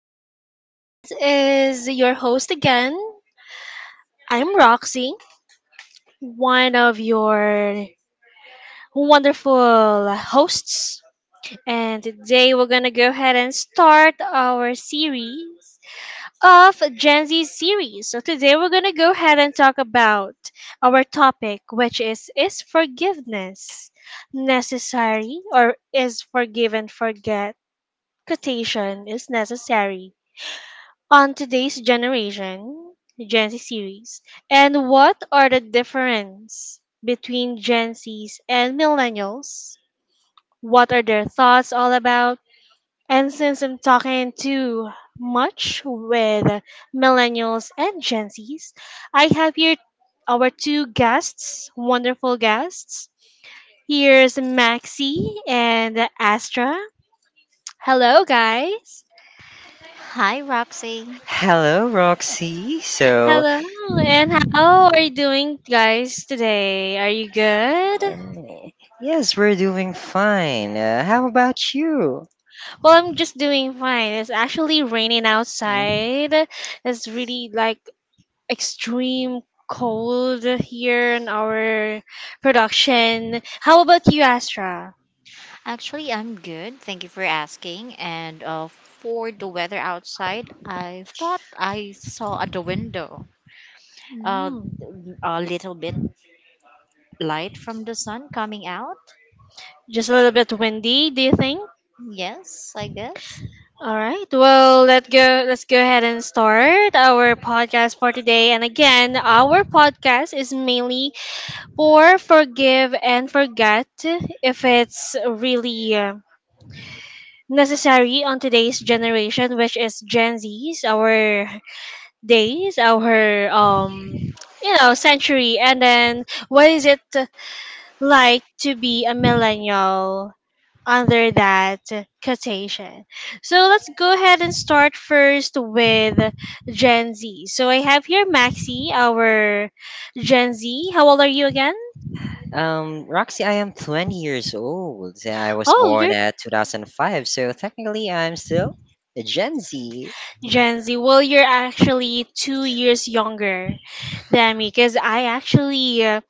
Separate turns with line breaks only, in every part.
So, this is your host again. I'm Roxy, one of your wonderful hosts. And today we're going to go ahead and start our series of Gen Z series. So, today we're going to go ahead and talk about our topic, which Is forgiveness necessary, or is forgive and forget? Quotation is necessary on today's generation, Gen Z series, and what are the difference between Gen Zs and millennials? What are their thoughts all about? And since I'm talking too much with millennials and Gen Zs, I have here our two guests, wonderful guests. Here's Maxi and Astra. Hello, guys.
Hi, Roxy.
Hello, Roxy. So,
Hello, and how are you doing, guys, today? Are you good?
um, yes, we're doing fine. How about you?
Well, I'm just doing fine. It's actually raining outside. It's really like extreme cold here in our production. How about you, Astra?
Actually, I'm good. Thank you for asking. And For the weather outside, I thought I saw at the window uh,
Mm,
a little bit light from the sun coming out.
just a little bit windy, do you think?
Yes, I guess.
All right. Well, let go. Let's go ahead and start our podcast for today. And again, our podcast is mainly or forgive and forget if it's really necessary on today's generation, which is Gen Z's, our days, our century. And then what is it like to be a millennial under that quotation? So let's go ahead and start first with Gen Z. So I have here Maxi, our Gen Z. How old are you again?
Roxy, I am 20 years old. I was
Oh,
born
you're
at 2005, so technically I'm still a Gen Z.
Gen Z. Well, you're actually 2 years younger than me, because I actually,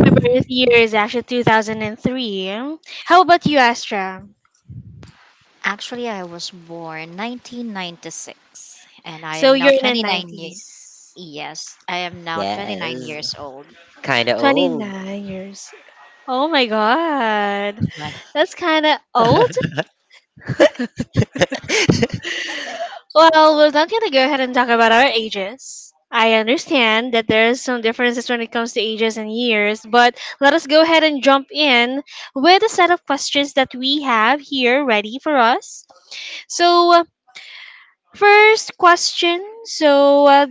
my birth year is actually 2003. How about you, Astra?
Actually, I was born 1996 and I
So
am now
you're in the
29 years.
90s.
Yes, I am now 29
Yes,
years old.
kind of old.
29 years. Oh my god. That's kind of old. Well, we're not gonna go ahead and talk about our ages. I understand that there's some differences when it comes to ages and years, but let us go ahead and jump in with a set of questions that we have here ready for us. So, first question. So,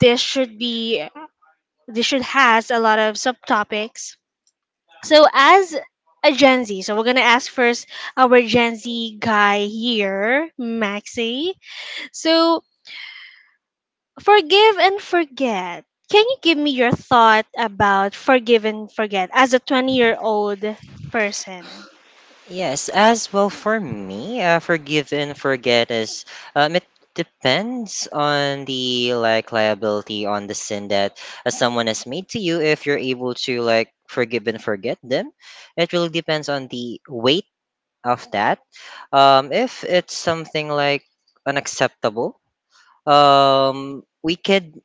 this should be this should has a lot of subtopics. So, as a Gen Z, so we're gonna ask first our Gen Z guy here, Maxi. So, forgive and forget. Can you give me your thought about forgive and forget as a 20-year-old person?
Yes, as well for me, forgive and forget is it depends on the like liability on the sin that someone has made to you. If you're able to like forgive and forget them, it really depends on the weight of that. If it's something like unacceptable, we could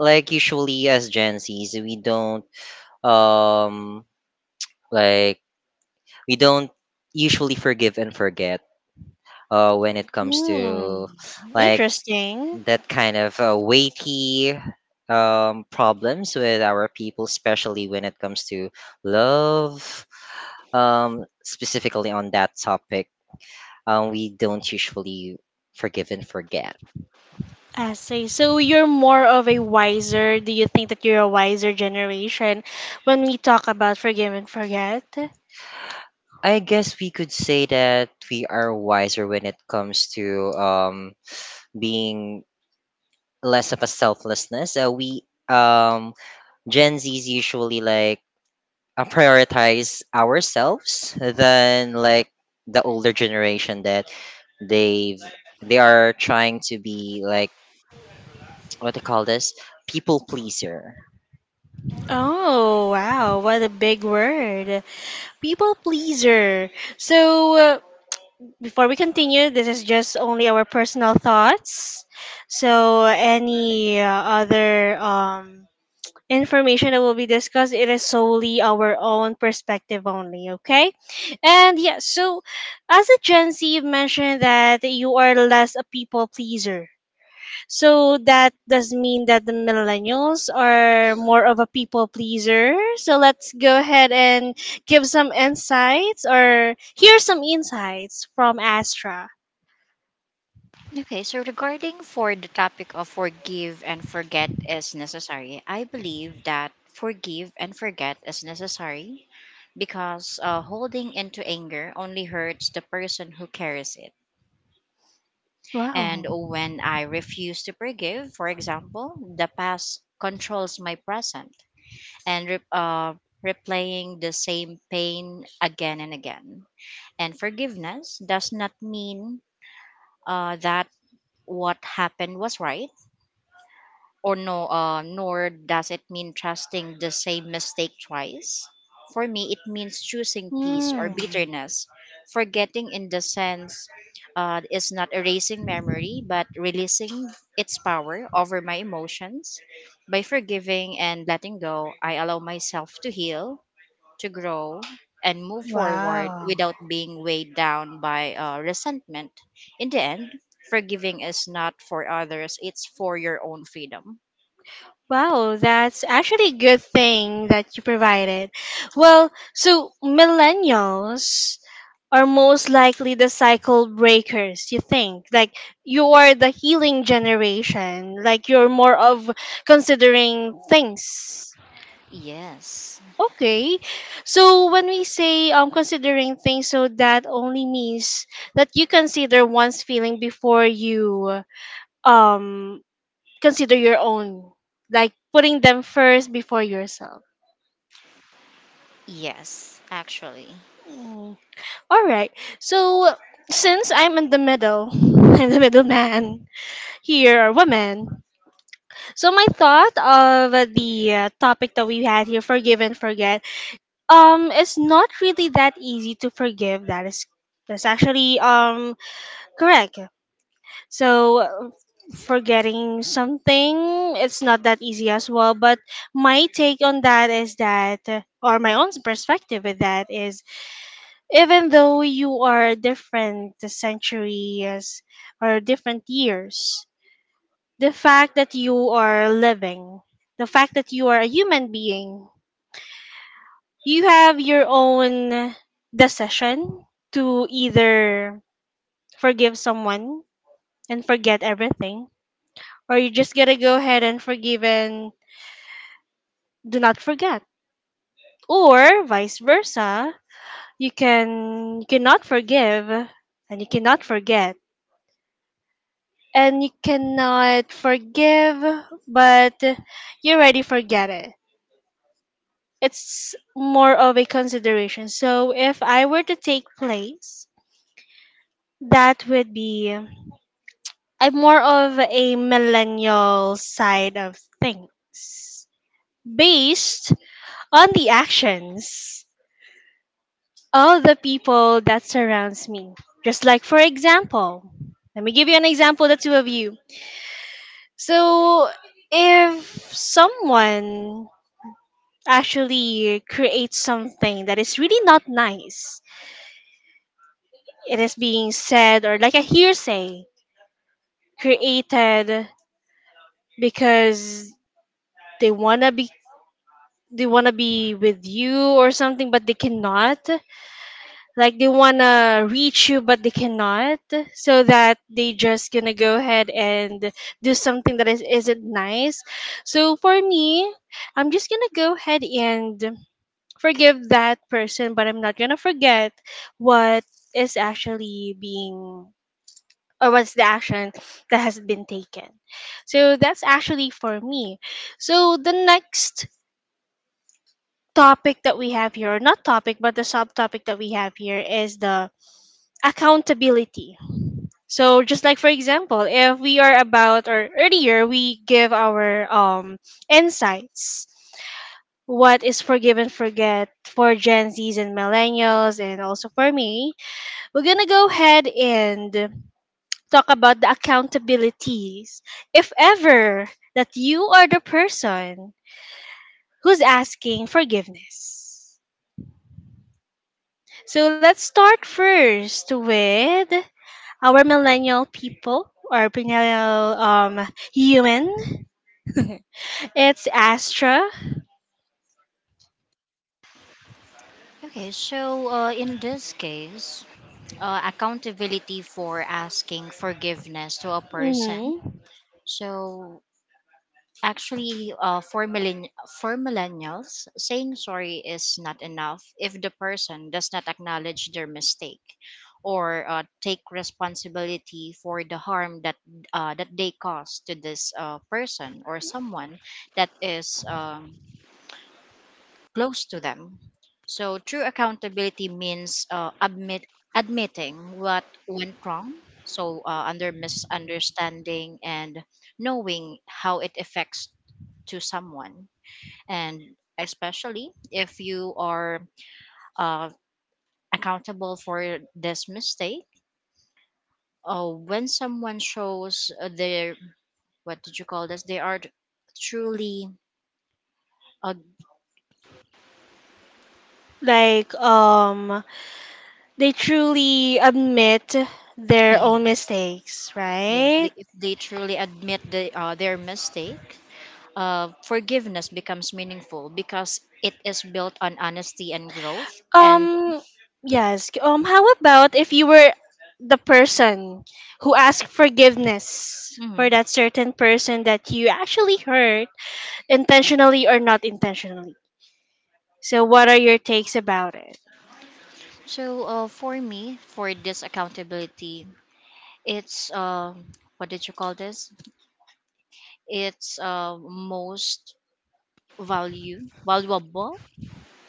like usually as Gen Zs, um like we don't usually forgive and forget when it comes
Hmm.
to like
Interesting.
that kind of weighty problems with our people, especially when it comes to love, specifically on that topic. We don't usually forgive and forget.
I see. So you're more of a wiser. Do you think that you're a wiser generation when we talk about forgive and forget?
I guess we could say that we are wiser when it comes to being less of a selflessness. We Gen Zs usually like prioritize ourselves than like the older generation that they've they are trying to be like what they call this people pleaser.
Oh, wow. What a big word. People pleaser. So, uh, before we continue, this is just only our personal thoughts. So, any other information that will be discussed, it is solely our own perspective only, okay? And yeah, so as a Gen Z, you've mentioned that you are less a people pleaser. So, that does mean that the millennials are more of a people pleaser. So, let's go ahead and give some insights or hear some insights from Astra.
Okay, so regarding for the topic of forgive and forget is necessary, I believe that forgive and forget is necessary because holding into anger only hurts the person who carries it. And
Wow.
when I refuse to forgive, for example, the past controls my present and replaying the same pain again and again. And forgiveness does not mean that what happened was right or nor does it mean trusting the same mistake twice. For me, it means choosing peace or
Mm.
bitterness. Forgetting, in the sense, is not erasing memory but releasing its power over my emotions. By forgiving and letting go, I allow myself to heal, to grow, and move forward
Wow.
without being weighed down by resentment. In the end, forgiving is not for others, it's for your own freedom.
Wow, that's actually a good thing that you provided. Well, so millennials are most likely the cycle breakers, you think? Like you are the healing generation, like you're more of considering things.
Yes,
Okay. So when we say considering things, so that only means that you consider one's feeling before you um consider your own, like putting them first before yourself.
yes, actually.
Mm. All right. So since I'm in the middle, I'm the middleman here, or woman. So my thought of the topic that we had here, forgive and forget, it's not really that easy to forgive. That's actually correct. So forgetting something, it's not that easy as well. But my take on that is that, or my own perspective with that is, even though you are different centuries or different years, the fact that you are living, the fact that you are a human being, you have your own decision to either forgive someone and forget everything, or you just gotta go ahead and forgive and do not forget. Or vice versa. You cannot forgive and you cannot forget. And you cannot forgive but you already forget it. It's more of a consideration. So if I were to take place, that would be, I'm more of a millennial side of things based on the actions. All the people that surrounds me. Just like for example, let me give you an example, the two of you. So if someone actually creates something that is really not nice, it is being said or like a hearsay created because they wanna be they wanna be with you or something but they cannot, like they want to reach you but they cannot, so that they just gonna go ahead and do something that is, isn't nice. So for me, I'm just gonna go ahead and forgive that person, but I'm not gonna forget what is actually being or what's the action that has been taken. So that's actually for me. So the next topic that we have here, or not topic, but the subtopic that we have here, is the accountability. So just like for example, if we are about, or earlier we give our insights, what is forgive and forget for Gen Zs and millennials and also for me, we're gonna go ahead and talk about the accountabilities. If ever that you are the person who's asking forgiveness. So let's start first with our millennial people, or millennial humans. It's Astra.
Okay, so in this case, accountability for asking forgiveness to a person.
Hmm.
So actually, for millennials, saying sorry is not enough if the person does not acknowledge their mistake or take responsibility for the harm that that they caused to this person or someone that is close to them. So true accountability means admitting what went wrong, so under misunderstanding and knowing how it affects to someone, and especially if you are uh, accountable for this mistake. When someone shows their what did you call this? They are truly uh,
Like, they truly admit their
yeah,
own mistakes,
yes.
right?
If they truly admit their mistake, forgiveness becomes meaningful because it is built on honesty and growth. And
Um, yes. How about if you were the person who asked forgiveness for
mhm.
that certain person that you actually hurt, intentionally or not intentionally? So, what are your takes about it?
So, for me, for this accountability, it's what did you call this? It's most value valuable,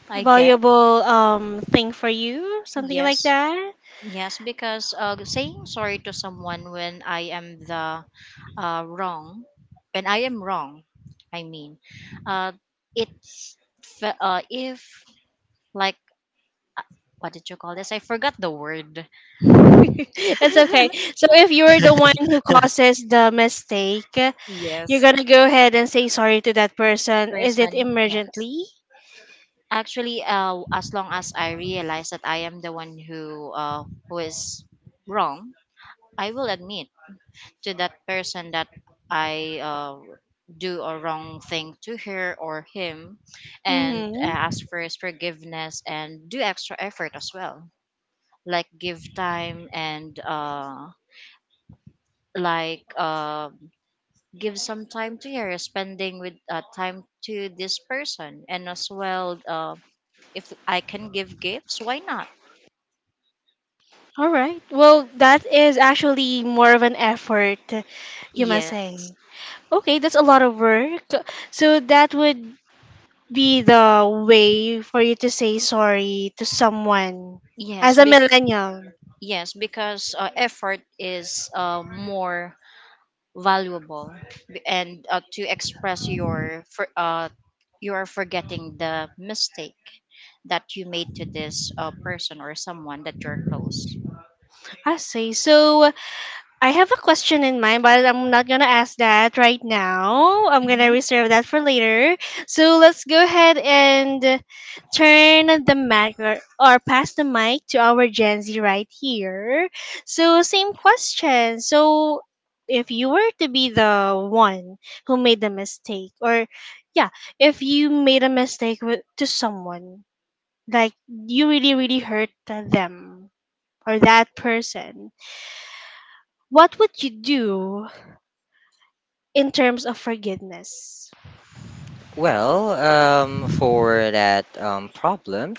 I guess.
Valuable thing for you, something like
Yes.
that.
Yes, because saying sorry to someone when I am the wrong, when I am wrong, I mean, uh, it's if like what did you call this? I forgot the word.
That's okay. So if you're the one who causes the mistake,
Yes,
you're gonna go ahead and say sorry to that person. Is it
person. Yes.
emergently?
Actually, as long as I realize that I am the one who is wrong, I will admit to that person that I do a wrong thing to her or him, and
Mm-hmm.
ask for his forgiveness and do extra effort as well, like give time and like. Uh, give some time to here spending with time to this person, and as well, if I can give gifts, why not.
All right. Well, that is actually more of an effort, you must
Yes,
say. Okay, that's a lot of work. So that would be the way for you to say sorry to someone
yes
as a
be-
millennial.
yes because effort is more valuable. And to express your you are forgetting the mistake that you made to this person or someone that you're close.
I see. So I have a question in mind, but I'm not gonna ask that right now. I'm gonna
Mhm.
reserve that for later. So let's go ahead and turn the mic, or pass the mic to our Gen Z right here. So same question. So if you were to be the one who made the mistake, or yeah, if you made a mistake with, to someone, like you really really hurt them or that person, what would you do in terms of forgiveness?
Well, for that problem.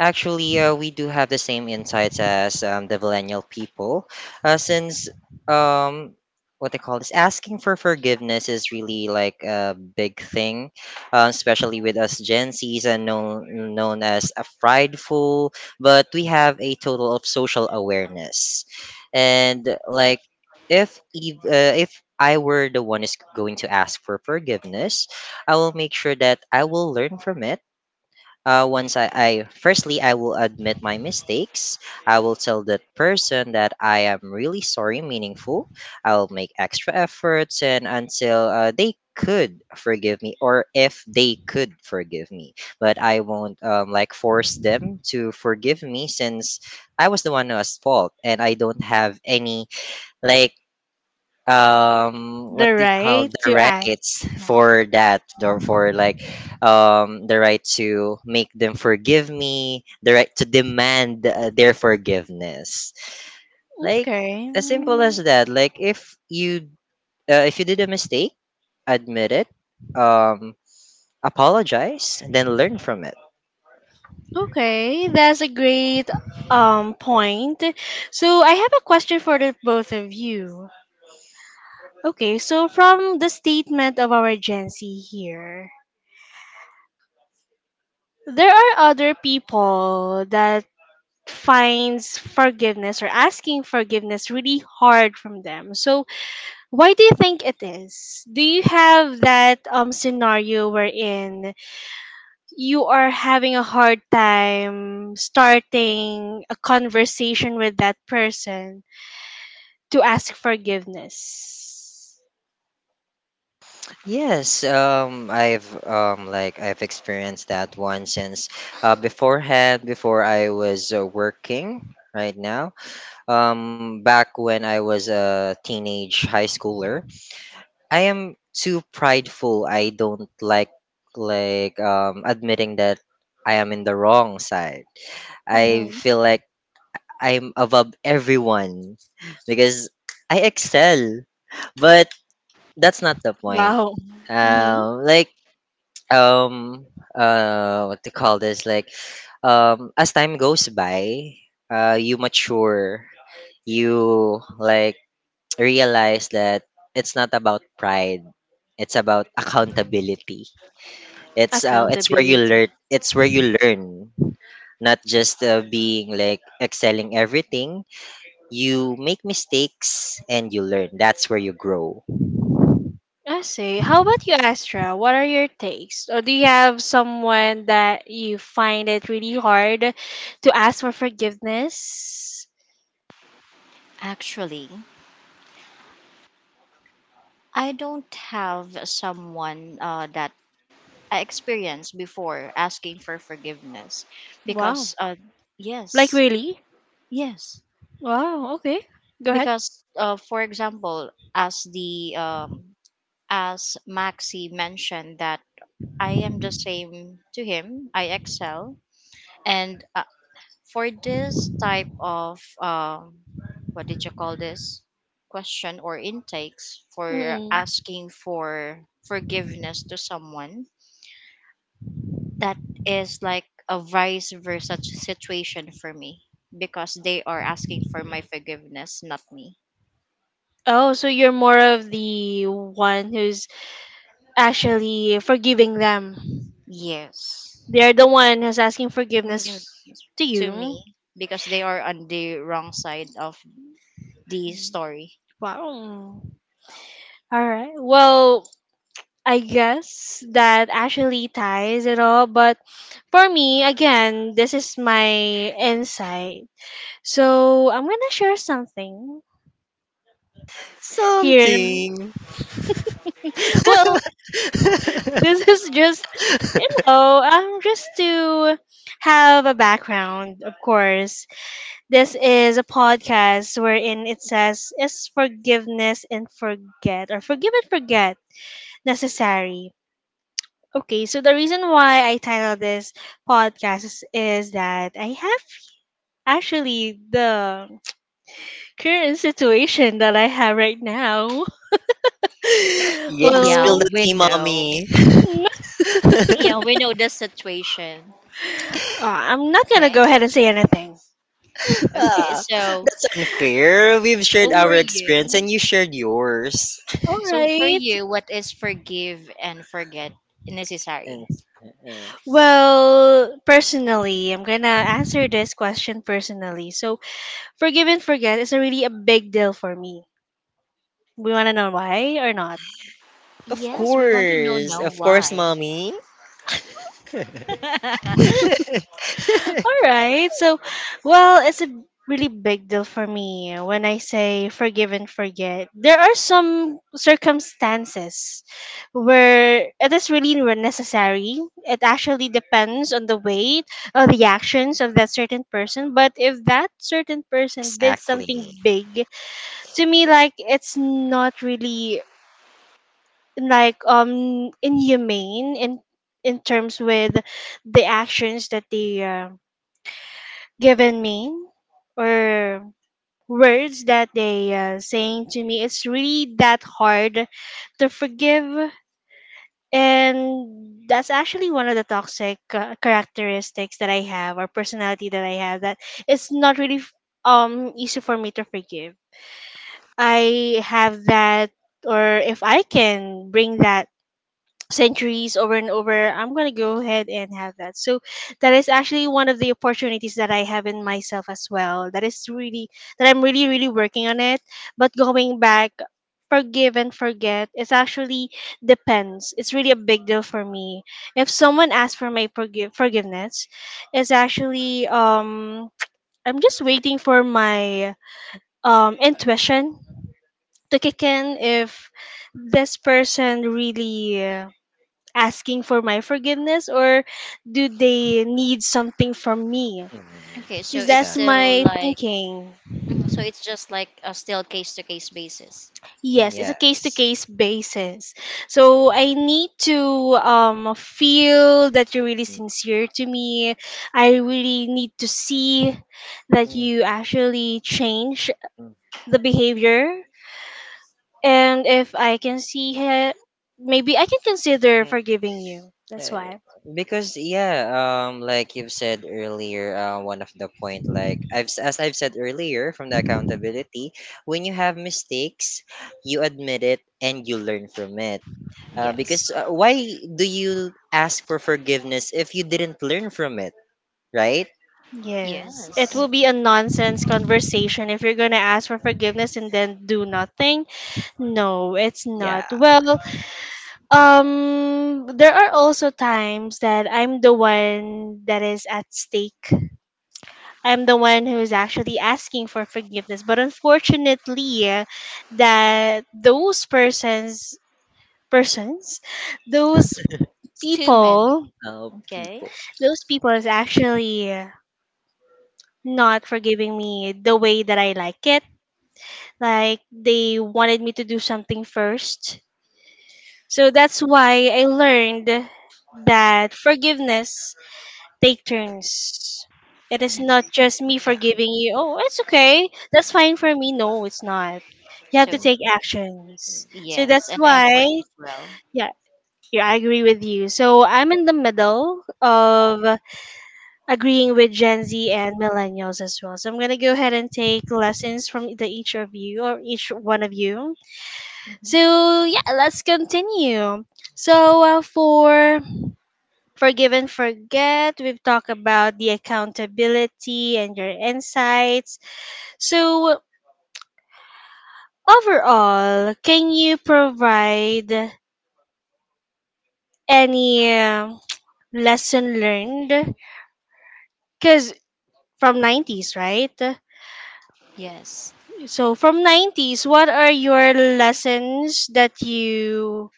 Actually, we do have the same insights as the millennial people, since um, what they call this asking for forgiveness is really like a big thing, especially with us Gen Zs and known as a prideful, but we have a total of social awareness, and like if I were the one is going to ask for forgiveness, I will make sure that I will learn from it. Once I will admit my mistakes. I will tell that person that I am really sorry, meaningful. I'll make extra efforts and until they could forgive me or if they could forgive me. But I won't like force them to forgive me since I was the one who was fault and I don't have any like
The
what they call
right
the
to act.
rights
Yeah.
for that, or for like the right to make them forgive me, the right to demand their forgiveness. Like
Okay.
as simple
Mm.
as that, like if you did a mistake, admit it, um apologize, then learn from it.
Okay, that's a great point. So I have a question for the both of you. Okay, so from the statement of our Gen Z here, there are other people that finds forgiveness or asking forgiveness really hard from them. So why do you think it is? Do you have that scenario wherein you are having a hard time starting a conversation with that person to ask forgiveness?
Yes, I've I've experienced that one since beforehand. Before I was working right now. Back when I was a teenage high schooler, I am too prideful. I don't like admitting that I am in the wrong side. I
Mm-hmm.
feel like I'm above everyone because I excel. But that's not the point.
Wow. Mm-hmm.
Like um what to call this, like as time goes by, you mature. You like realize that it's not about pride. It's about accountability. It's where you learn.
Accountability.
It's where you learn, not just being like excelling everything. You make mistakes and you learn. That's where you grow.
I see. How about you, Astra? What are your takes? Or do you have someone that you find it really hard to ask for forgiveness?
Actually, I don't have someone that I experienced before asking for forgiveness
Wow.
because
Like,
yes.
really?
Yes,
Wow. Okay. Go ahead.
because for example, as the as Maxi mentioned, that I am the same to him. I excel, and for this type of what did you call this, question or intakes for asking for forgiveness to someone, that is like a vice versa situation for me, because they are asking for my forgiveness, not me.
Oh, so you're more of the one who's actually forgiving them.
Yes.
They're the one who's asking
Mm,
forgiveness to
to me,
you.
because they are on the wrong side of the story.
Wow. All right. Well, I guess that actually ties it all. But for me, again, this is my insight. So I'm going to share something here.
Something.
Well, this is just, you know, just to have a background, of course. This is a podcast wherein it says, Is forgiveness and forget, or forgive and forget, necessary? Okay, so the reason why I titled this podcast is that I have actually the current situation that I have right now.
Yes,
Yeah,
spill
Well,
the
we
tea,
know.
mommy.
n-
Yeah, we know the situation.
I'm not gonna go
Okay.
ahead and say anything.
Okay.
Ah,
So,
that's unfair. We've shared
so for
our
you,
experience and you shared yours.
All
so for
right.
you, what is forgive and forget
And-
necessary?
uh,
Well, personally, I'm gonna answer this question personally. So, forgive and forget is a really a big deal for me. We want to know why or not.
Yes, we want to know
Of
now
course,
why.
mommy.
All right. So, well, it's a really big deal for me when I say forgive and forget. There are some circumstances where it is really necessary. It actually depends on the weight or the actions of that certain person. But if that certain person did
Exactly.
something big, to me, like it's not really like inhumane in terms with the actions that they given me or words that they saying to me, it's really that hard to forgive. And that's actually one of the toxic characteristics that I have, or personality that I have, that it's not really easy for me to forgive. I have that, or if I can bring that centuries over and over, I'm going to go ahead and have that. So that is actually one of the opportunities that I have in myself as well, that is really that I'm really really working on it. But going back, forgive and forget, it's actually depends, it's really a big deal for me. If someone asks for my forgiveness, it's actually I'm just waiting for my intuition to kick in, if this person really asking for my forgiveness or do they need something from me?
Mm,
Okay, so
Because
it's
that's
exactly.
still
my
like,
thinking.
mhm, so it's just like a still case to case basis.
Yes, it's a case to
Yes.
case basis. So I need to feel that you're really
Mm,
sincere to me. I really need to see that
mm,
you actually change the behavior. And if I can see it, maybe I can consider
mm.
forgiving you. That's
Eh,
why.
Because yeah, like you've said earlier, one of the point, like as I've said earlier from the accountability, when you have mistakes, you admit it and you learn from it. Because
Yes.
why do you ask for forgiveness if you didn't learn from it, right?
Yes, it
Yes,
will
Mm,
be a nonsense conversation if you're going to ask for forgiveness and then do nothing. No, it's not.
yeah,
Well, there are also times that I'm the one that is at stake. I'm the one who's actually asking for forgiveness, but unfortunately, that persons, those
it's too many.
people,
oh,
Okay.
people.
those people is actually not forgiving me the way that I like it. Like they wanted me to do something first. So that's why I learned that forgiveness take turns. It is
Yeah.
not just me forgiving you. Oh, it's okay. That's fine for me. No, it's not. You have to
So
Mm,
take actions. So
mm.
that's
yes, and
why,
effort as well.
yeah, yeah, I agree with you. So I'm in the middle of agreeing with Gen Z and millennials as well. So I'm gonna go ahead and take lessons from the each of you, or each one of you.
Hmm.
So yeah, let's continue. So for forgive and forget, we've talked about the accountability and your insights. So overall, can you provide any lesson learned? Because from 90s, right?
Yes,
So from 90s, what are your lessons that you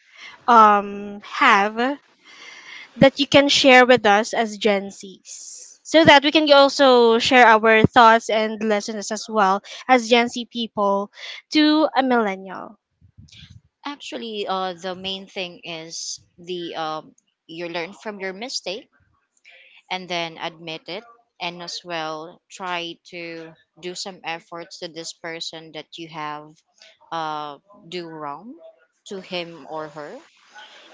have, that you can share with us as Gen Zs, so that we can also share our thoughts and lessons as well as Gen Z people to a millennial?
actually, the main thing is the you learn from your mistake and then admit it, and as well try to do some efforts to this person that you have uh, do wrong to him or her.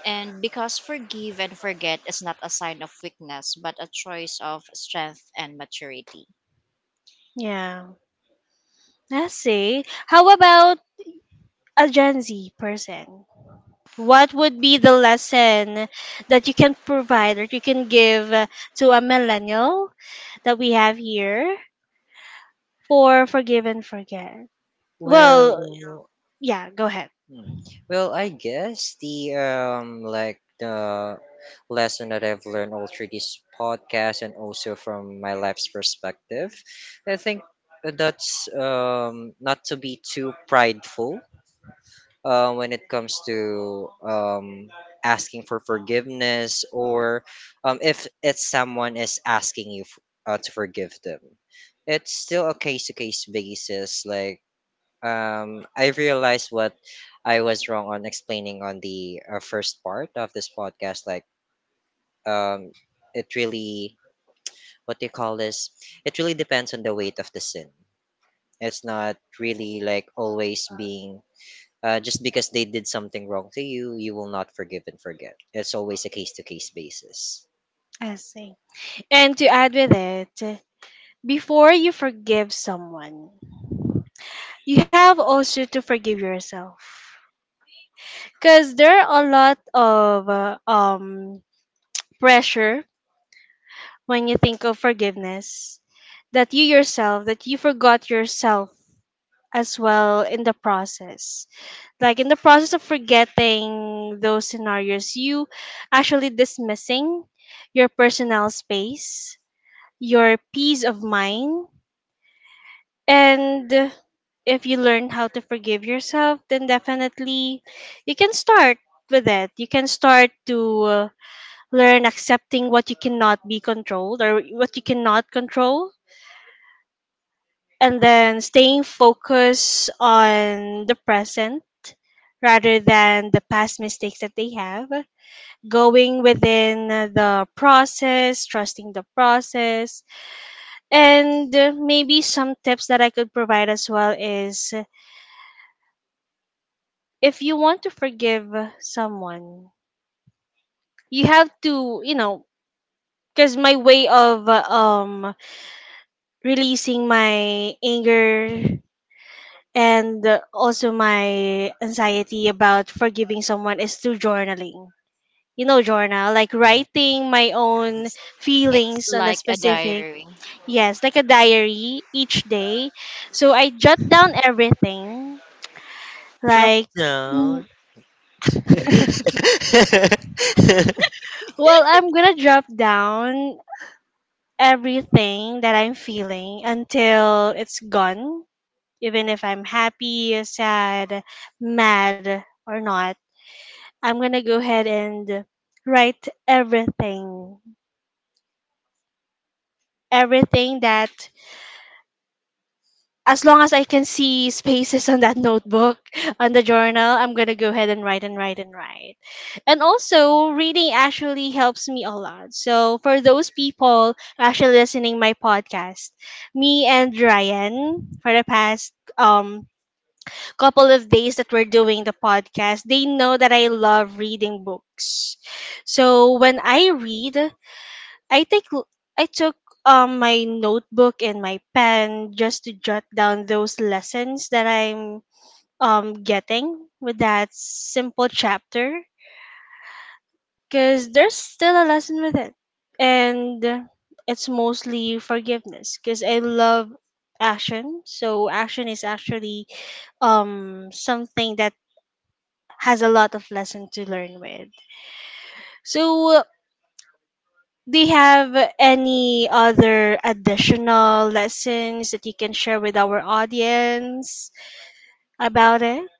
And because forgive and forget is not a sign of weakness, but a choice of strength and maturity.
Yeah. Let's see. How about a Gen Z person? What would be the lesson that you can provide, or you can give, to a millennial that we have here, for Forgive and Forget? Well,
Well,
yeah, go ahead.
hmm. Well, I guess the lesson that I've learned all through this podcast and also from my life's perspective, I think that's not to be too prideful when it comes to asking for forgiveness, or if it's someone is asking to forgive them. It's still a case to case basis. Like, I realized what I was wrong on explaining on the first part of this podcast. Like, um, it really, what do you call this? It really depends on the weight of the sin. It's not really like always being, just because they did something wrong to you, you will not forgive and forget. It's always a case to case basis.
I see. And to add with it, before you forgive someone, you have also to forgive yourself. Because there are a lot of pressure when you think of forgiveness, that you yourself, that you forgot yourself as well in the process. Like in the process of forgetting those scenarios, you actually dismissing your personal space, your peace of mind. And if you learn how to forgive yourself, then definitely you can start with it. You can start to learn accepting what you cannot be controlled, or what you cannot control, and then staying focused on the present rather than the past mistakes that they have. Going within the process, trusting the process, and maybe some tips that I could provide as well is, if you want to forgive someone, you have to, you know, because my way of releasing my anger and also my anxiety about forgiving someone is through journaling. You know, journal, like writing my own
It's
feelings on the
like a
specific,
diary.
yes, like a diary each day. So I jot down everything,
Drop
like, well,
down.
I'm gonna jot down everything that I'm feeling until it's gone, even if I'm happy, sad, mad, or not. I'm gonna go ahead and write everything, everything that as long as I can see spaces on that notebook, on the journal, I'm gonna go ahead and write and write and write. And also, reading actually helps me a lot. So for those people actually listening my podcast, me and Ryan for the past couple of days that we're doing the podcast, they know that I love reading books. So when I read, I I took my notebook and my pen just to jot down those lessons that I'm getting with that simple chapter, because there's still a lesson with it. And it's mostly forgiveness, because I love action, so action is actually something that has a lot of lesson to learn with. So do you have any other additional lessons that you can share with our audience about it?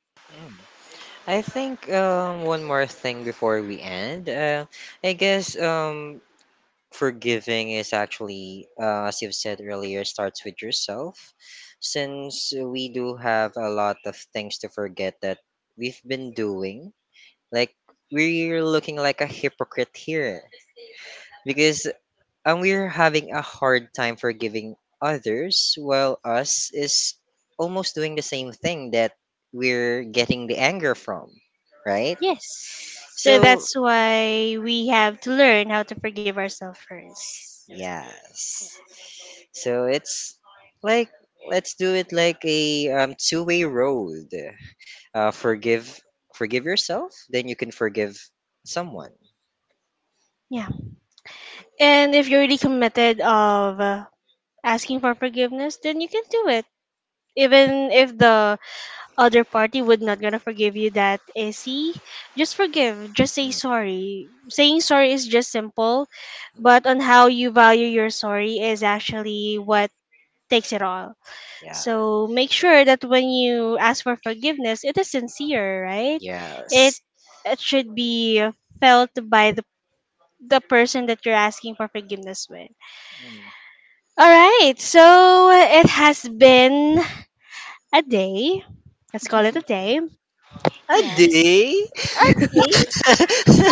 I think one more thing before we end. I guess forgiving is actually, as you've said earlier, starts with yourself. Since we do have a lot of things to forget that we've been doing, like we're looking like a hypocrite here because we're having a hard time forgiving others while us is almost doing the same thing that we're getting the anger from, right?
Yes. So
So
that's why we have to learn how to forgive ourselves first.
yes. So it's like let's do it like a two-way road. Uh, forgive forgive yourself, then you can forgive someone.
Yeah. And if you're really committed of asking for forgiveness, then you can do it. Even if the other party would not gonna forgive you that easy, just forgive. Just say
Mm,
sorry. Saying sorry is just simple, but on how you value your sorry is actually what takes it all.
yeah.
So make sure that when you ask for forgiveness, it is sincere, right? It
Yes.
it should be felt by the person that you're asking for forgiveness with.
Mm.
All right. So it has been a day. Let's call it a
Hmm.
day.
A
Yes.
day.
A day,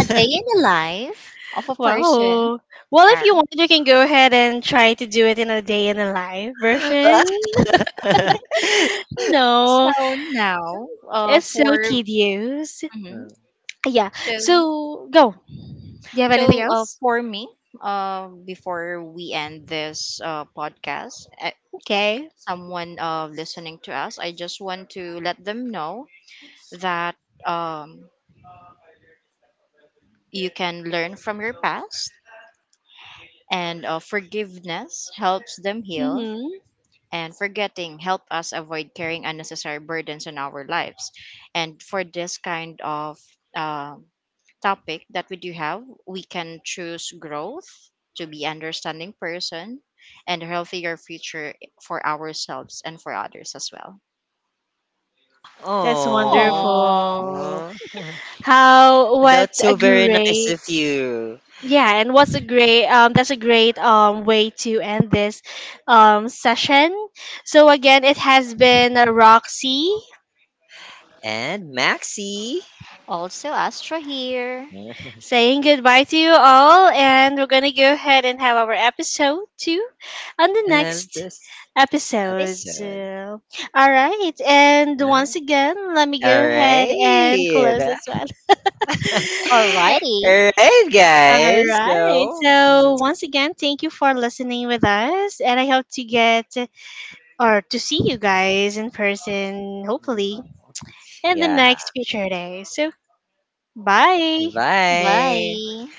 a day in the life of a person.
Wow. Well, if
Sure.
you want, you can go ahead and try to do it in a day in a live version.
So
No,
now,
it's so
for
tedious.
mhm.
Yeah.
so
So go. Do you have anything
so
else?
for me, before we end this podcast,
Okay.
someone listening to us, I just want to let them know that um you can learn from your past, and forgiveness helps them heal,
Mm-hmm.
and forgetting help us avoid carrying unnecessary burdens on our lives. And for this kind of um topic that we do have, we can choose growth, to be understanding person and a healthier future for ourselves and for others as well.
That's
Oh.
Aww.
wonderful. How, what
That's so
a
very nice
great,
of you.
yeah, and what's a great that's a great way to end this session. So again, it has been Roxy
And Maxi.
Also, Astra here.
saying goodbye to you all, and we're gonna go ahead and have our episode two on the
And
next
this.
episode.
Episode.
So, all right, and
Huh?
once again, let me go
All
ahead and close
right.
this one.
Alrighty.
All right,
All
guys.
right.
So,
So once again, thank you for listening with us, and I hope to get or to see you guys in person, hopefully,
hmm,
in the
yeah.
next future day. So bye.
Bye.
Bye.